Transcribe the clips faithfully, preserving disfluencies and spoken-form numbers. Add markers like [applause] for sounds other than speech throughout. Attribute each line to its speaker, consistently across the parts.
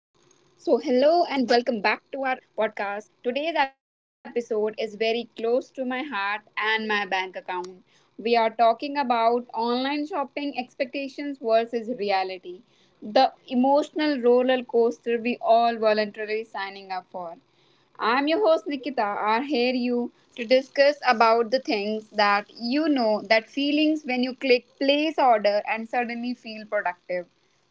Speaker 1: So, hello and welcome back to our podcast. Today's episode is very close to my heart and my bank account. We are talking about online shopping expectations versus reality, the emotional roller coaster we all voluntarily signing up for. I'm your host Nikita. I here you to discuss about the things that you know, that feelings when you click place order and suddenly feel productive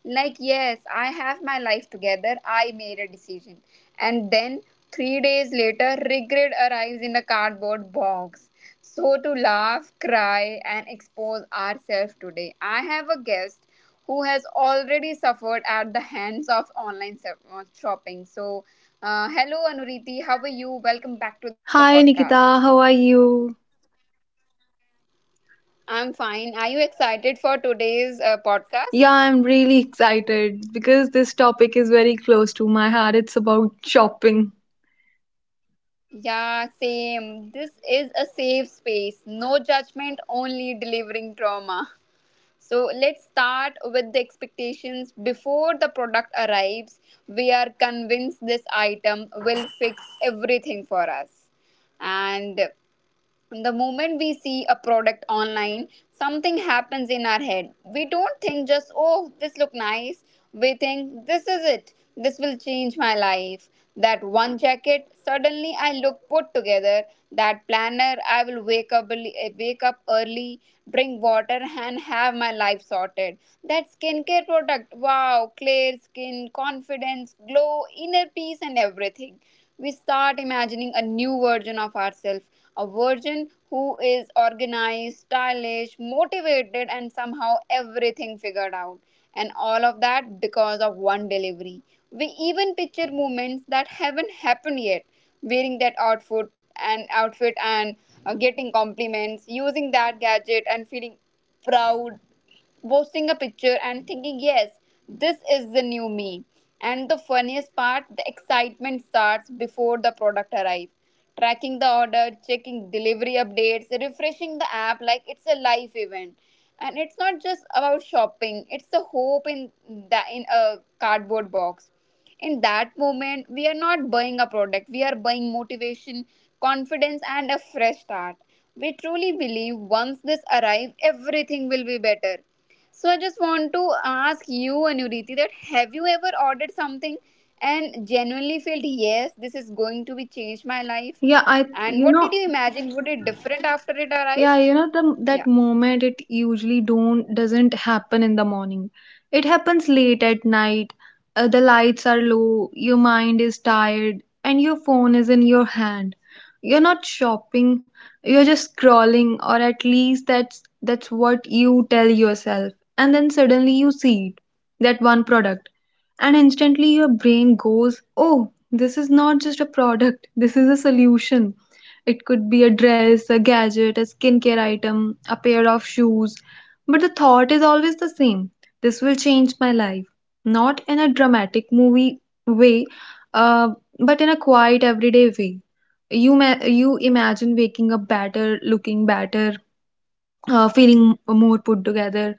Speaker 1: like, yes, I have my life together. I made a decision. And then, three days later, regret arrives in a cardboard box. So, to laugh, cry, and expose ourselves today, I have a guest who has already suffered at the hands of online se- uh, shopping. So, uh, hello, Anuriti. How are you? Welcome back to the
Speaker 2: Hi
Speaker 1: podcast.
Speaker 2: Nikita, how are you?
Speaker 1: I'm fine. Are you excited for today's uh,
Speaker 2: Yeah,
Speaker 1: podcast?
Speaker 2: I'm really excited because this topic is very close to my heart. It's about shopping.
Speaker 1: Yeah, same. This is a safe space. No judgment, only delivering trauma. So let's start with the expectations. Before the product arrives, we are convinced this item will fix everything for us. And the moment we see a product online, something happens in our head. We don't think just, oh, this look nice. We think this is it, this will change my life. That one jacket, suddenly I look put together. That planner, I will wake up early- eh, wake up early, drink water and have my life sorted. That skincare product, wow, clear skin, confidence, glow, inner peace and everything. We start imagining a new version of ourselves, a version who is organized, stylish, motivated, and somehow everything figured out. And all of that because of one delivery. We even picture moments that haven't happened yet, wearing that outfit and outfit and uh, getting compliments, using that gadget and feeling proud, posting a picture and thinking, yes, this is the new me. And the funniest part, the excitement starts before the product arrives. Tracking the order, checking delivery updates, refreshing the app like it's a life event. And it's not just about shopping, it's the hope in the in a cardboard box. In that moment, we are not buying a product, we are buying motivation, confidence, and a fresh start. We truly believe once this arrives, everything will be better. So I just want to ask you, Anuriti, that have you ever ordered something and genuinely felt, yes, this is going to be change my life?
Speaker 2: Yeah, I
Speaker 1: And
Speaker 2: you
Speaker 1: what
Speaker 2: know,
Speaker 1: did you imagine? Would it different after it
Speaker 2: Yeah,
Speaker 1: arrived?
Speaker 2: you know the That
Speaker 1: Yeah.
Speaker 2: moment it usually don't doesn't happen in the morning. It happens late at night. Uh, the lights are low, your mind is tired, and your phone is in your hand. You're not shopping, you're just scrolling, or at least that's that's what you tell yourself. And then suddenly you see it, that one product, and instantly your brain goes, "Oh, this is not just a product. This is a solution." It could be a dress, a gadget, a skincare item, a pair of shoes. But the thought is always the same, this will change my life. Not in a dramatic movie way, uh, but in a quiet, everyday way. You, ma- you imagine waking up better, looking better, uh, feeling more put together.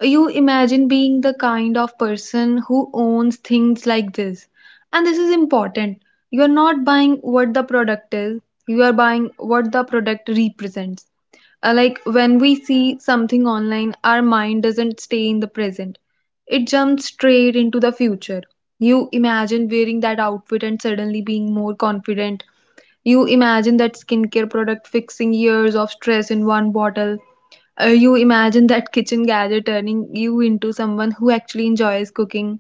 Speaker 2: You imagine being the kind of person who owns things like this. And this is important. You are not buying what the product is, you are buying what the product represents. Uh, like when we see something online, our mind doesn't stay in the present, it jumps straight into the future. You imagine wearing that outfit and suddenly being more confident. You imagine that skincare product fixing years of stress in one bottle, uh, you imagine that kitchen gadget turning you into someone who actually enjoys cooking.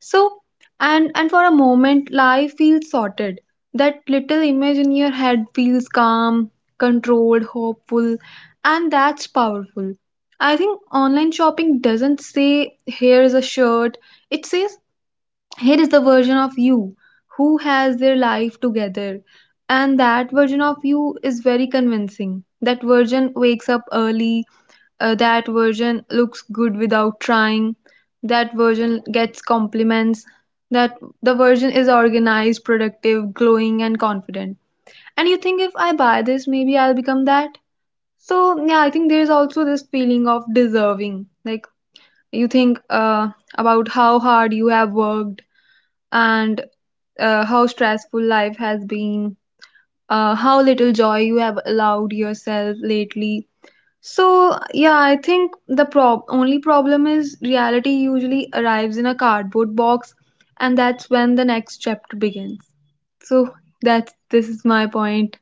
Speaker 2: So, and and for a moment, life feels sorted. That little image in your head feels calm, controlled, hopeful, and that's powerful. I think online shopping doesn't say here is a shirt. It says here is the version of you who has their life together. And that version of you is very convincing. That version wakes up early, uh, that version looks good without trying, that version gets compliments, that the version is organized, productive, glowing, and confident. And you think, if I buy this, maybe I'll become that. So yeah, I think there is also this feeling of deserving. Like, you think uh, about how hard you have worked, and uh, how stressful life has been, uh, how little joy you have allowed yourself lately. So, yeah, I think the prob- only problem is reality usually arrives in a cardboard box, and that's when the next chapter begins. So, that's this is my point.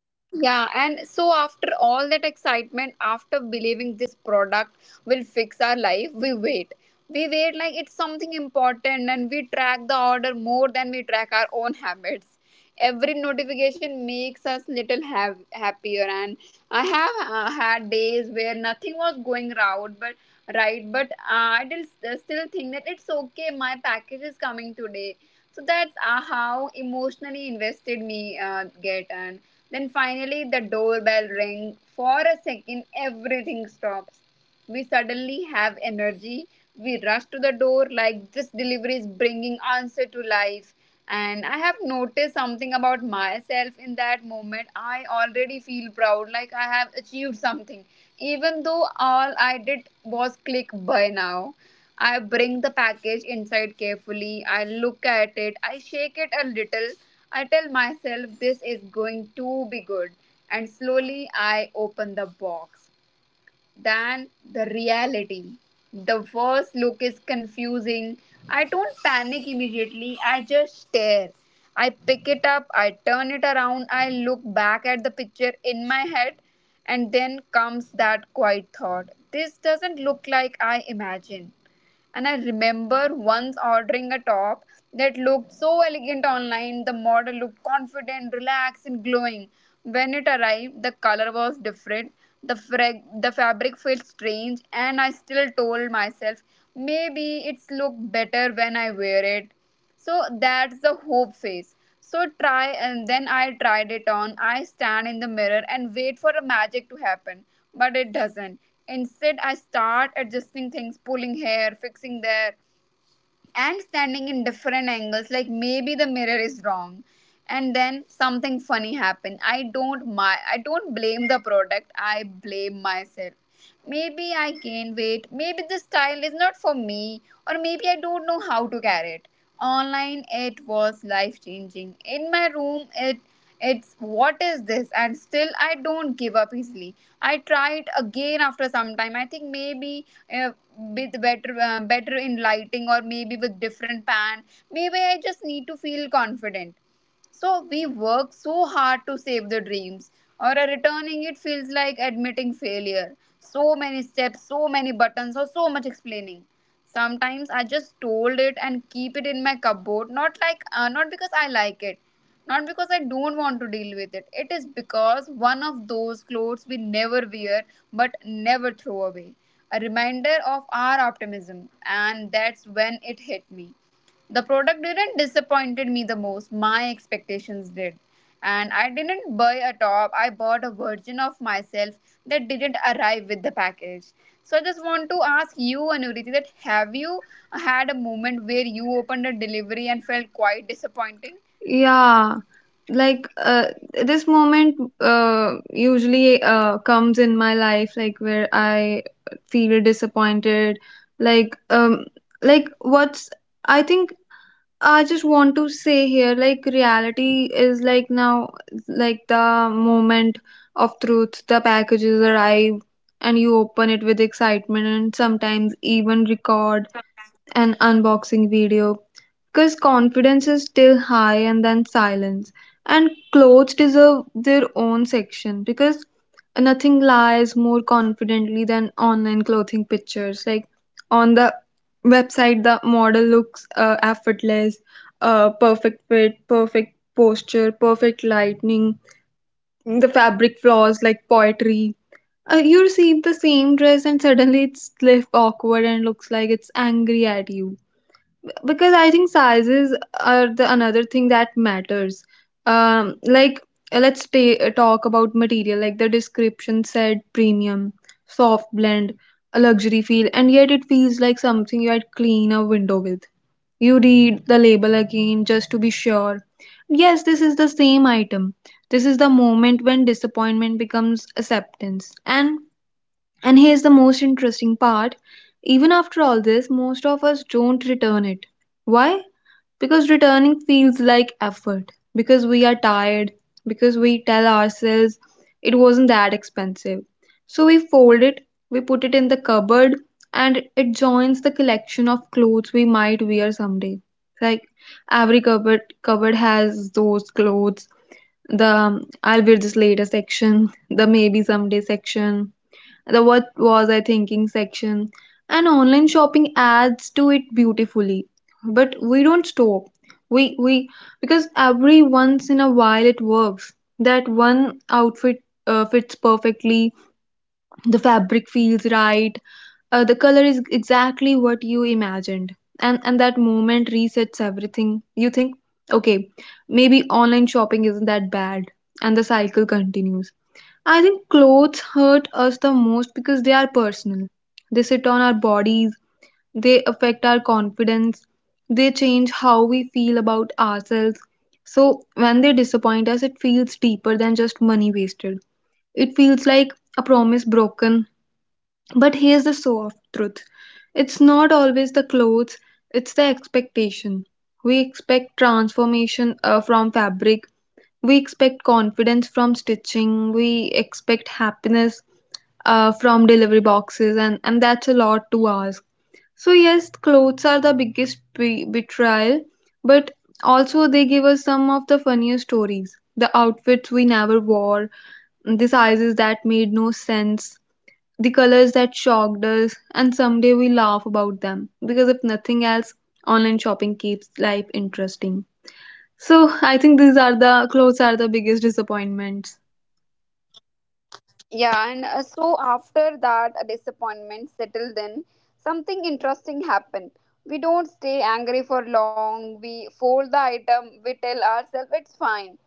Speaker 1: Yeah, and so after all that excitement, after believing this product will fix our life, we wait. We wait like it's something important and we track the order more than we track our own [laughs] habits. Every notification makes us little ha- happier and I have uh, had days where nothing was going right, but right, but uh, I did st- still think that it's okay, my package is coming today. So that's uh, how emotionally invested me uh, get. And then finally, the doorbell rings. For a second, everything stops. We suddenly have energy. We rush to the door like this delivery is bringing answer to life. And I have noticed something about myself in that moment. I already feel proud, like I have achieved something. Even though all I did was click buy now. I bring the package inside carefully. I look at it. I shake it a little. I tell myself this is going to be good, and slowly I open the box. Then the reality. The first look is confusing. I don't panic immediately, I just stare. I pick it up, I turn it around, I look back at the picture in my head, and then comes that quiet thought. This doesn't look like I imagined. And I remember once ordering a top that looked so elegant online. The model looked confident, relaxed, and glowing. When it arrived, the color was different. The, frag- the fabric felt strange, and I still told myself maybe it's look better when I wear it. So that's the hope phase. So try and then I tried it on. I stand in the mirror and wait for a magic to happen, but it doesn't. Instead I start adjusting things, pulling hair, fixing there, and standing in different angles like maybe the mirror is wrong. And then something funny happened. I don't my i don't blame the product, I blame myself. Maybe I gained weight, maybe the style is not for me, or maybe I don't know how to carry it. Online it was life changing, in my room it it's what is this. And still I don't give up easily. I tried again after some time. I think maybe uh, with better uh, better in lighting or maybe with different pan. Maybe I just need to feel confident. So we work so hard to save the dreams, or a returning it feels like admitting failure. So many steps, so many buttons, or so much explaining. Sometimes I just told it and keep it in my cupboard, not like uh, not because I like it, not because I don't want to deal with it. It is because one of those clothes we never wear but never throw away. A reminder of our optimism, and that's when it hit me. The product didn't disappointed me the most. My expectations did. And I didn't buy a top. I bought a version of myself that didn't arrive with the package. So I just want to ask you, Anuriti, that have you had a moment where you opened a delivery and felt quite disappointing?
Speaker 2: Yeah, like uh, this moment uh, usually uh, comes in my life, like where I feel disappointed. Like, um, like what's I think I just want to say here, like reality is like now, like the moment of truth. The packages arrive, and you open it with excitement, and sometimes even record an unboxing video because confidence is still high, and then silence. And clothes deserve their own section because nothing lies more confidently than online clothing pictures. Like on the website, the model looks uh, effortless, uh, perfect fit, perfect posture, perfect lightning, the fabric flaws like poetry. Uh, you receive the same dress and suddenly it's left awkward and looks like it's angry at you, because I think sizes are the another thing that matters. Um, like uh, let's ta- uh, Talk about material. Like the description said, premium, soft blend, a luxury feel, and yet it feels like something you'd clean a window with. You read the label again just to be sure. Yes, this is the same item. This is the moment when disappointment becomes acceptance. And and here's the most interesting part, even after all this, most of us don't return it. Why? Because returning feels like effort, because we are tired, because we tell ourselves it wasn't that expensive. So we fold it, we put it in the cupboard, and it joins the collection of clothes we might wear someday. Like every cupboard, cupboard has those clothes, the um, I'll wear this later section, the maybe someday section, the what was I thinking section, and online shopping adds to it beautifully. But we don't stop. We we because every once in a while it works. That one outfit uh, fits perfectly, the fabric feels right. Uh, the color is exactly what you imagined. And and that moment resets everything. You think, okay, maybe online shopping isn't that bad. And the cycle continues. I think clothes hurt us the most because they are personal. They sit on our bodies, they affect our confidence, they change how we feel about ourselves. So, when they disappoint us, it feels deeper than just money wasted. It feels like a promise broken. But here's the soft truth, it's not always the clothes, it's the expectation. We expect transformation uh, from fabric, we expect confidence from stitching, we expect happiness uh, from delivery boxes, and, and that's a lot to ask. So, yes, clothes are the biggest be- betrayal, but also they give us some of the funniest stories. The outfits we never wore, the sizes that made no sense, the colors that shocked us, and someday we laugh about them because if nothing else, online shopping keeps life interesting. So I think these are the clothes are the biggest disappointments.
Speaker 1: Yeah, and uh, so after that uh, disappointment settled in, something interesting happened. We don't stay angry for long. We fold the item. We tell ourselves it's fine.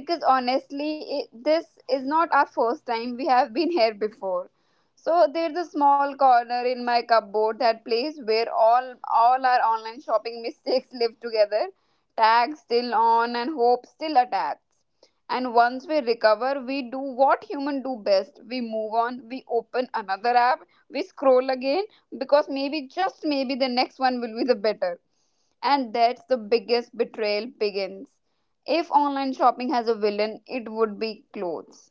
Speaker 1: Because honestly, it, this is not our first time. We have been [laughs] here before. So there's a small corner in my cupboard, that place where all all our online shopping mistakes [laughs] live together. Tags still on and hope still attached. And once we recover, we do what human do best. We move on, we open another app, we scroll again because maybe, just maybe, the next one will be the better. And that's the biggest betrayal begins. If online shopping has a villain, it would be clothes.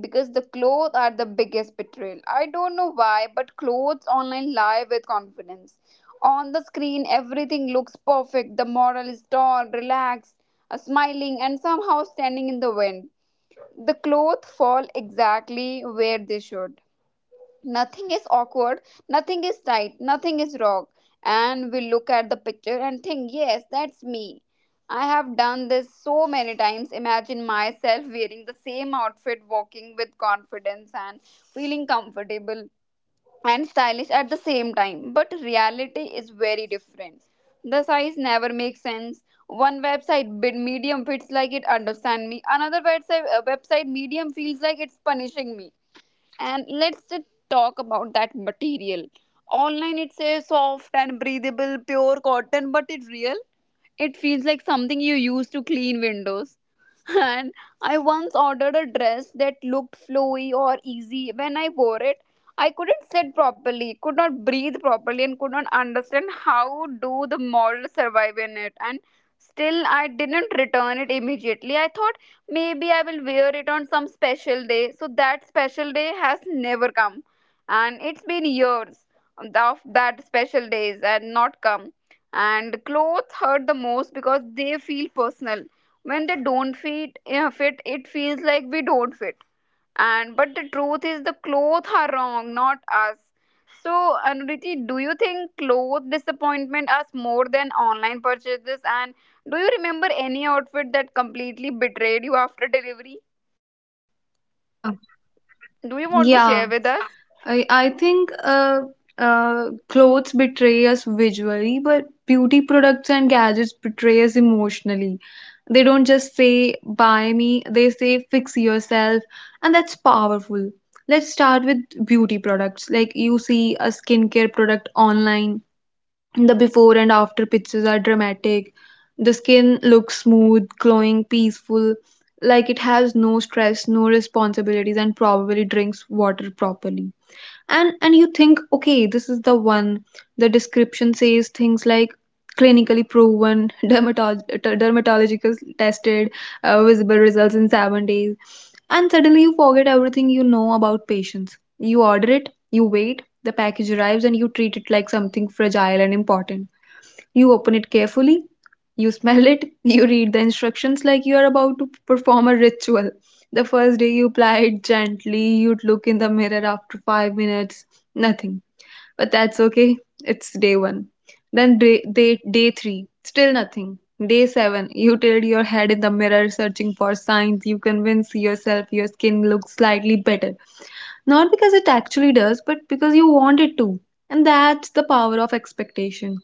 Speaker 1: Because the clothes are the biggest betrayal. I don't know why, but clothes online lie with confidence. On the screen, everything looks perfect. The model is tall, relaxed, uh, smiling and somehow standing in the wind. The clothes fall exactly where they should. Nothing is awkward, nothing is tight, nothing is wrong. And we look at the picture and think, yes, that's me. I have done this so many times. Imagine myself wearing the same outfit, walking with confidence and feeling comfortable and stylish at the same time, but reality is very different. The size never makes sense. One website bid medium fits like it understand me. Another website uh, website medium feels like it's punishing me. And let's just talk about that material. Online it says soft and breathable, pure cotton, but it's real. It feels like something you use to clean windows. And I once ordered a dress that looked flowy or easy. When I wore it, I couldn't sit properly, could not breathe properly, and could not understand how do the model survive in it. And still, I didn't return it immediately. I thought maybe I will wear it on some special day. So that special day has never come, and it's been years of that special days and not come. And clothes hurt the most because they feel personal when they don't fit. Yeah, fit it feels like we don't fit. And but the truth is the clothes are wrong, not us. So Anuriti, do you think clothes disappointment us more than online purchases, and do you remember any outfit that completely betrayed you after delivery?
Speaker 2: Yeah,
Speaker 1: Do you want to share with us?
Speaker 2: Yeah. I I think uh, uh, clothes betray us visually, but beauty products and gadgets betray us emotionally. They don't just say buy me, they say fix yourself, and that's powerful. Let's start with beauty products. Like you see a skincare product online, the before and after pictures are dramatic. The skin looks smooth, glowing, peaceful, like it has no stress, no responsibilities, and probably drinks water properly. And and you think, okay, this is the one. The description says things like clinically proven, [laughs] dermatolog- dermatological tested, uh, visible results in seven days, and suddenly you forget everything you know about patients. You order it, you wait, the package arrives, and you treat it like something fragile and important. You open it carefully, you smell it, [laughs] you read the instructions like you are about to perform a ritual. The first day you apply it gently, you'd look in the mirror after five minutes, nothing. But that's okay, it's day one. Then day, day, day three, still nothing. Day seven, you tilt your head in the mirror searching for signs. You convince yourself your skin looks slightly better. Not because it actually does, but because you want it to. And that's the power of expectation.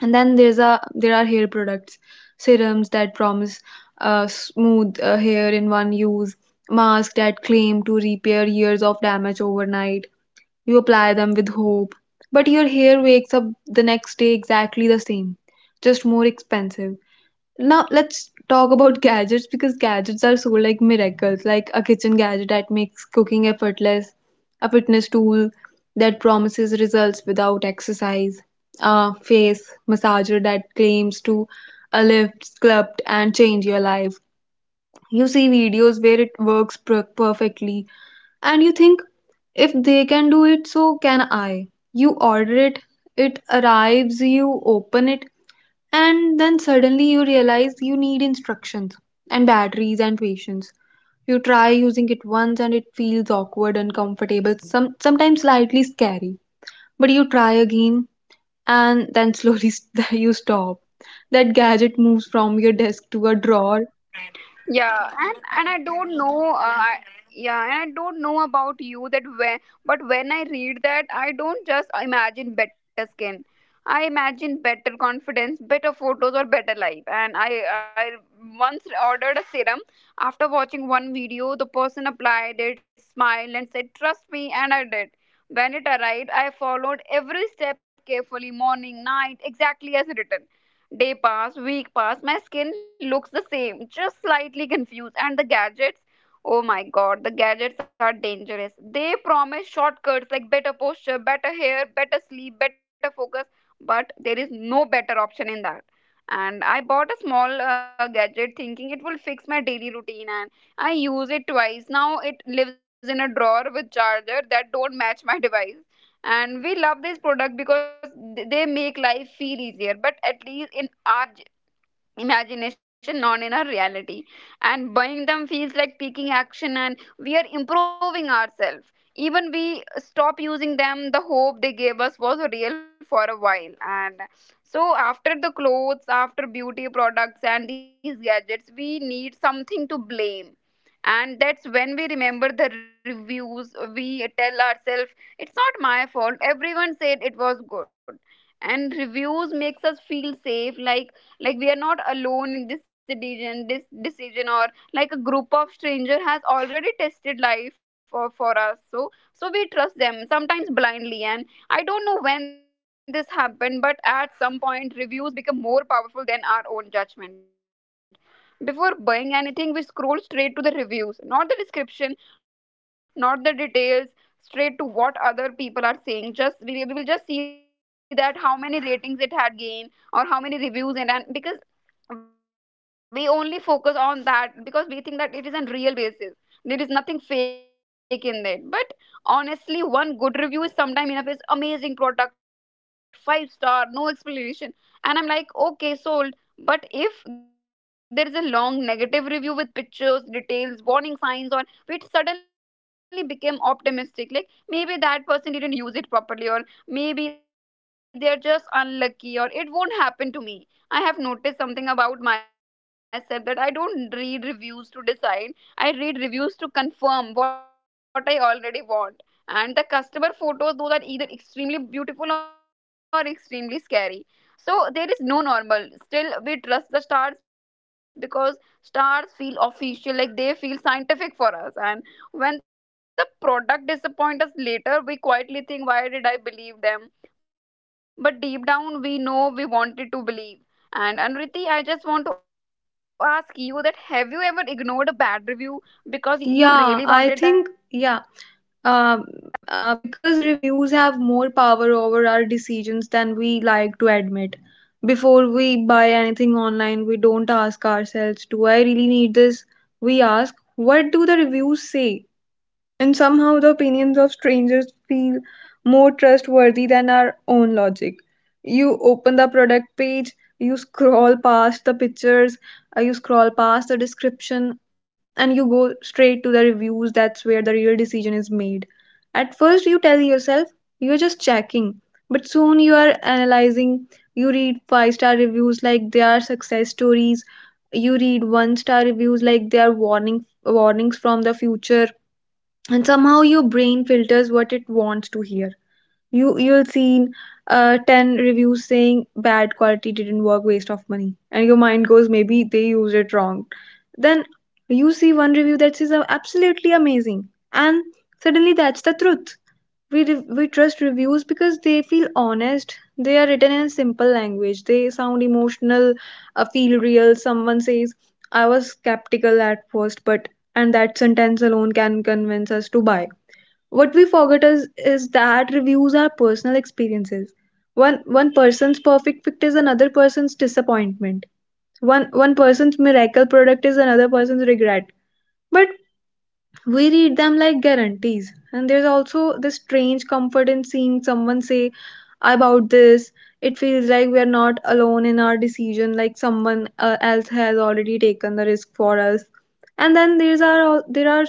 Speaker 2: And then there's a There are hair products, serums that promise uh, smooth uh, hair in one use, masks that claim to repair years of damage overnight. You apply them with hope, but your hair wakes up the next day exactly the same, just more expensive. Now let's talk about gadgets, because gadgets are so like miracles, like a kitchen gadget that makes cooking effortless, a fitness tool that promises results without exercise, a face massager that claims to lift, sculpt, and change your life. You see videos where it works per- perfectly, and you think, if they can do it, so can I. You order it, it arrives, you open it, and then suddenly you realize you need instructions and batteries and patience. You try using it once and it feels awkward, uncomfortable, some, sometimes slightly scary. But you try again, and then slowly, [laughs] you stop. That gadget moves from your desk to a
Speaker 1: Yeah, and
Speaker 2: drawer.
Speaker 1: and I don't know uh, I, yeah, and I don't know about you, that when, but when I read that I don't just imagine better skin, I imagine better confidence, better photos or better life. And i i once ordered a serum after watching one video. The person applied it, smiled and said trust me, and I did. When it arrived, I followed every step carefully, morning night, exactly as written. Day pass, week pass, my skin looks the same, just slightly confused. And the gadgets, oh my god, the gadgets are dangerous. They promise shortcuts like better posture, better hair, better sleep, better focus, but there is no better option in that. And I bought a small uh, gadget thinking it will fix my daily routine and I use it twice. Now it lives in a drawer with charger that don't match my [laughs] device, and we love this product because th- they make life feel easier, but at least in our j- imagination, not in our reality. And buying them feels like taking action and we are improving ourselves. Even we stop using them, the hope they gave us was real for a while. And so after the clothes, after beauty products and these gadgets, we need something to blame, and that's when we remember the reviews. We tell ourselves it's not my fault, everyone said it was good. And reviews makes us feel safe, like like we are not alone in this decision, this decision or like a group of stranger has already tested life for, for us. So so we trust them sometimes blindly. And I don't know when this happened, but at some point reviews become more powerful than our own judgment. Before buying anything, we scroll straight to the reviews, not the description, not the details, straight to what other people are saying. Just we, we will just see that how many ratings it had gained or how many reviews. And, and because we only focus on that, because we think that it is on real basis, there is nothing fake in it. But honestly, one good review is sometime enough. Is amazing product, five star, no explanation, and I'm like okay, sold. But if there is a long negative review with pictures, details, warning signs, or it suddenly became optimistic, like maybe that person didn't use it properly, or maybe they're just unlucky, or it won't happen to me. I have noticed something about myself, that I don't read reviews to decide. I read reviews to confirm what I already want. And the customer photos, those are either extremely beautiful or extremely scary. So there is no normal. Still, we trust the stars because stars feel official, like they feel scientific for us. And when the product disappoints us later, we quietly think, why did I believe them? But deep down, we know we wanted to believe. And Anuriti, I just want to ask you that have you ever ignored a bad review because you really wanted that product?
Speaker 2: Yeah, I think, yeah, Um, uh, because reviews have more power over our decisions than we like to admit. Before we buy anything online, we don't ask ourselves, do I really need this? We ask, what do the reviews say? And somehow the opinions of strangers feel more trustworthy than our own logic. You open the product page, you scroll past the pictures, uh, you scroll past the description, and you go straight to the reviews. That's where the real decision is made. At first, you tell yourself you're just checking, but soon you are analyzing. You read five star reviews like they are success stories. You read one star reviews like they are warning warnings from the future, and somehow your brain filters what it wants to hear. You you'll see uh, ten reviews saying bad quality, didn't work, waste of money, and your mind goes, maybe they used it wrong. Then you see one review that says, "Oh, absolutely amazing," and suddenly that's the truth. We re- we trust reviews because they feel honest, they are written in a simple language, they sound emotional, uh, feel real. Someone says, I was skeptical at first, but, and that sentence alone can convince us to buy. What we forget is, is that reviews are personal experiences. One one person's perfect fit is another person's disappointment. One one person's miracle product is another person's regret. But we read them like guarantees. And there's also this strange comfort in seeing someone say about this. It feels like we are not alone in our decision, like someone uh, else has already taken the risk for us. And then there's our there are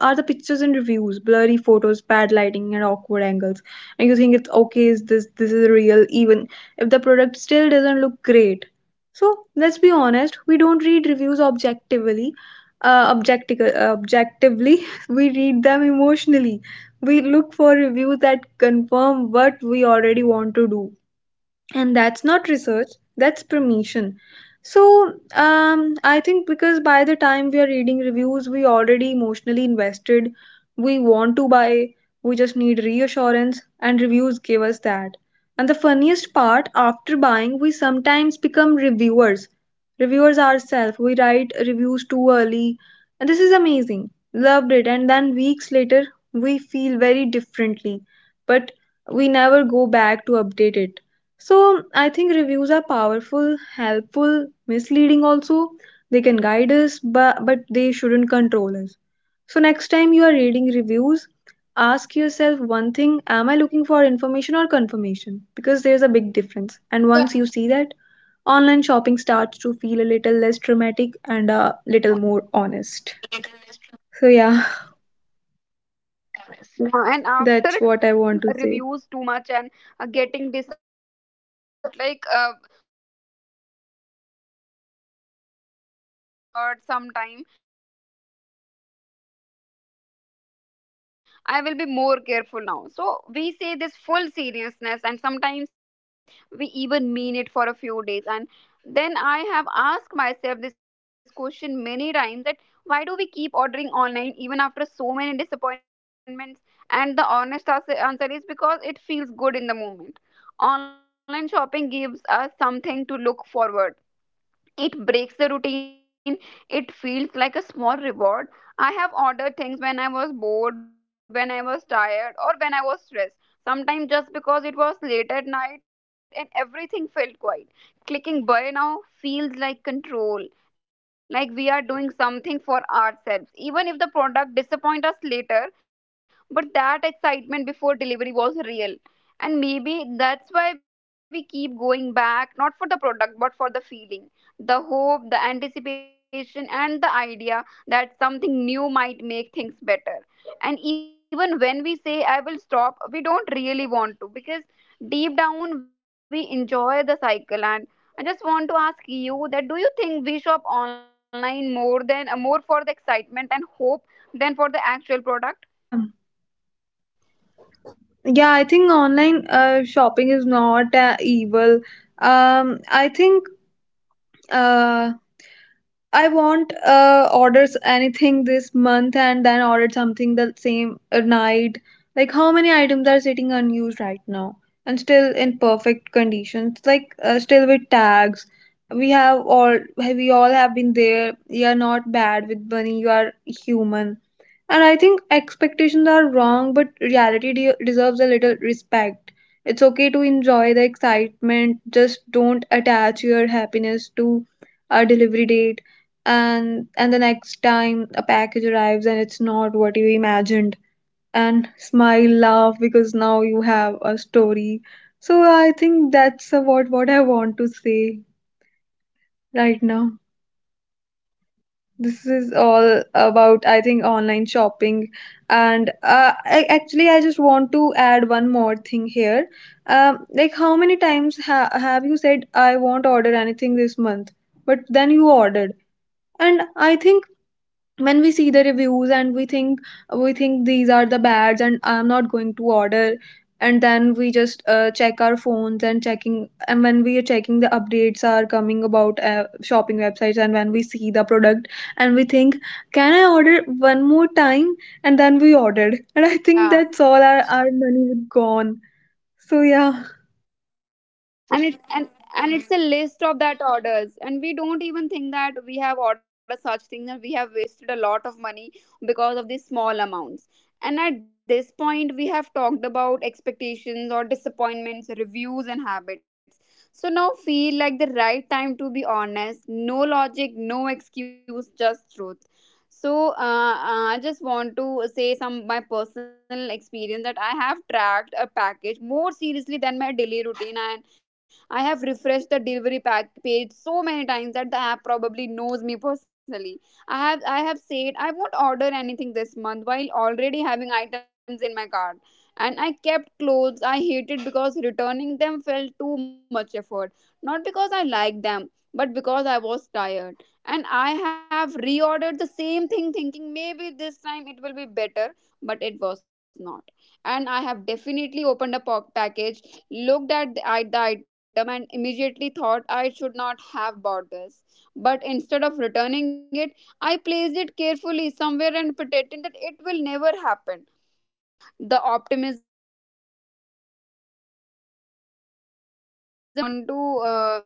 Speaker 2: are the pictures and reviews blurry photos, bad lighting, and awkward angles, and you think, it's okay, is this, this is real, even if the product still doesn't look great. So let's be honest, we don't read reviews objectively, uh, objectic- uh, objectively. [laughs] We read them emotionally, we look for reviews that confirm what we already want to do, and that's not research, that's permission. So um, I think, because by the time we are reading reviews, we already emotionally invested, we want to buy, we just need reassurance, and reviews give us that. And the funniest part, after buying, we sometimes become reviewers reviewers ourselves. We write reviews too early, and this is amazing, loved it, and then weeks later we feel very differently, but we never go back to update it. So I think reviews are powerful, helpful, misleading also. They can guide us, but, but they shouldn't control us. So next time you are reading reviews, ask yourself one thing, am I looking for information or confirmation? Because there's a big difference. And once you see that, online shopping starts to feel a little less dramatic and a little more honest.
Speaker 1: Yeah,
Speaker 2: So,
Speaker 1: and
Speaker 2: yeah,
Speaker 1: after trusting reviews too much and
Speaker 2: [laughs]
Speaker 1: uh,
Speaker 2: that's what I
Speaker 1: getting
Speaker 2: want to say.
Speaker 1: disappointed again, yeah, and we all make a promises of it, like, uh, okay, that's it, I am done, or I don't order anything online, or sometime I will be more careful now. So we say this full seriousness, and sometimes we even mean it for a few days. And then I have asked myself this question many times, that why do we keep ordering online even after so many disappointments. And the honest ans- answer is because it feels good in the moment. Online shopping gives us something to look forward, it breaks the routine. It feels like a small reward. I have ordered things when I was bored, when I was tired, or when I was stressed. Sometimes just because it was late at night and everything felt quiet. Clicking buy now feels like control, like we are doing something for ourselves. Even if the product disappoint us later, but that excitement before delivery was real. And maybe that's why we keep going back, not for the product, but for the feeling, the hope, the anticipation, and the idea that something new might make things better. And even when we say, I will stop, we don't really want to, because deep down we enjoy the cycle. And I just want to ask you that do you think we shop online more than uh, more for the excitement and hope than for the actual product? Do you want to share with us,
Speaker 2: Yeah.
Speaker 1: Anuriti?
Speaker 2: Yeah, I think online uh, shopping is not uh, evil. Um, I think, uh, I want uh orders anything this month and then ordered something the same uh, night. Like how many items are sitting unused right now and still in perfect conditions, like uh, still with tags. We have all we all have been there. You are not bad with money. You are human. And I think expectations are wrong, but reality de- deserves a little respect. It's okay to enjoy the excitement. Just don't attach your happiness to a delivery date. And and the next time a package arrives and it's not what you imagined, and smile, laugh, because now you have a story. So I think that's about what I want to say right now. This
Speaker 1: Oh,
Speaker 2: is
Speaker 1: that's
Speaker 2: all
Speaker 1: great.
Speaker 2: about, I
Speaker 1: That
Speaker 2: think,
Speaker 1: I
Speaker 2: online
Speaker 1: think,
Speaker 2: shopping. And
Speaker 1: yeah,
Speaker 2: uh, I, actually, I just want to add one more thing here. Um,
Speaker 1: yeah,
Speaker 2: like, how many times ha- have you said, I won't order anything this month, but then you ordered? And I think, when we see the reviews and we think we think, these are the bads and I'm not going to order, and then we just uh, check our phones and checking, and when we are checking, the updates are coming about uh, shopping websites, and when we see the product and we think, can I order one more time? And then we ordered, and I think that's
Speaker 1: yeah.
Speaker 2: all our, our
Speaker 1: And
Speaker 2: money
Speaker 1: it's
Speaker 2: would
Speaker 1: and
Speaker 2: gone.
Speaker 1: and it's a
Speaker 2: So
Speaker 1: list of
Speaker 2: yeah.
Speaker 1: that orders, and we don't even think that we have ordered such things and we have wasted a lot of money because of these small amounts. And at this point we have talked about expectations or disappointments, reviews and habits, so now feel like the right time to be honest, no logic, no excuse, just truth. So uh, uh, I just want to say some my personal experience, that I have tracked a package more seriously than my daily routine. And I have refreshed the delivery pack page so many times that the app probably knows me personally. I have I have said I won't order anything this month while already having items in my cart. And I kept clothes I hated because returning them felt too much effort. Not because I liked them, but because I was tired. And I have reordered the same thing thinking maybe this time it will be better, but it was not. And I have definitely opened a po- package, looked at the, at the item and immediately thought I should not have bought this. But instead of returning it, I placed it carefully somewhere and pretended that it will never happen. Online shopping has taught me many things, mainly about the optimism and my self control. So, uh, these are the things I just want to. Uh,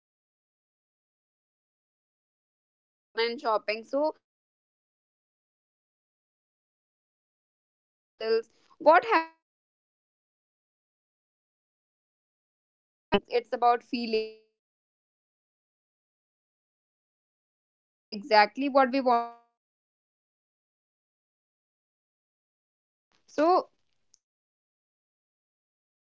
Speaker 1: uh, Say that uh, these uh, should be maintained about online shopping. So after all these stories or disappointment, hopes and parcels, what have we really learned? The online shopping is not just about buying things, it's about feeling hope, excitement or comfort. Sometimes it gives us exactly what we wanted, and sometimes it gives us a story to laugh about us. So I just want to uh, say that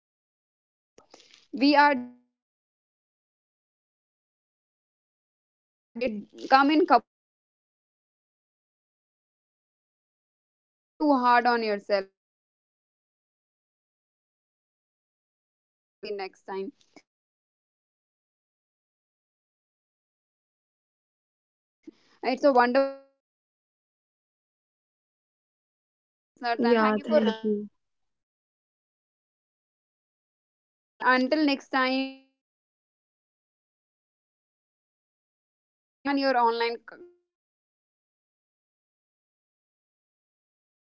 Speaker 1: before we wrap up, we are just looking for small moments of happiness, even if we uh, they come in cardboard boxes. So the next time an order disappoints you, don't be too hard on yourself. Laugh a little, learn a little, and maybe check the return policy next time. So uh, thank you so much, Anuriti, uh, for joining us today, and it's a wonderful day with you. And uh, thank you for listening, uh, for all the listeners, and thank you for
Speaker 2: Yeah,
Speaker 1: Yeah.
Speaker 2: thank
Speaker 1: relating
Speaker 2: you.
Speaker 1: and for being a part of this honest conversation. Until next time, may your deliveries be kind, your expectations realistic, and your online c- cart slightly under control. See you soon. Bye bye.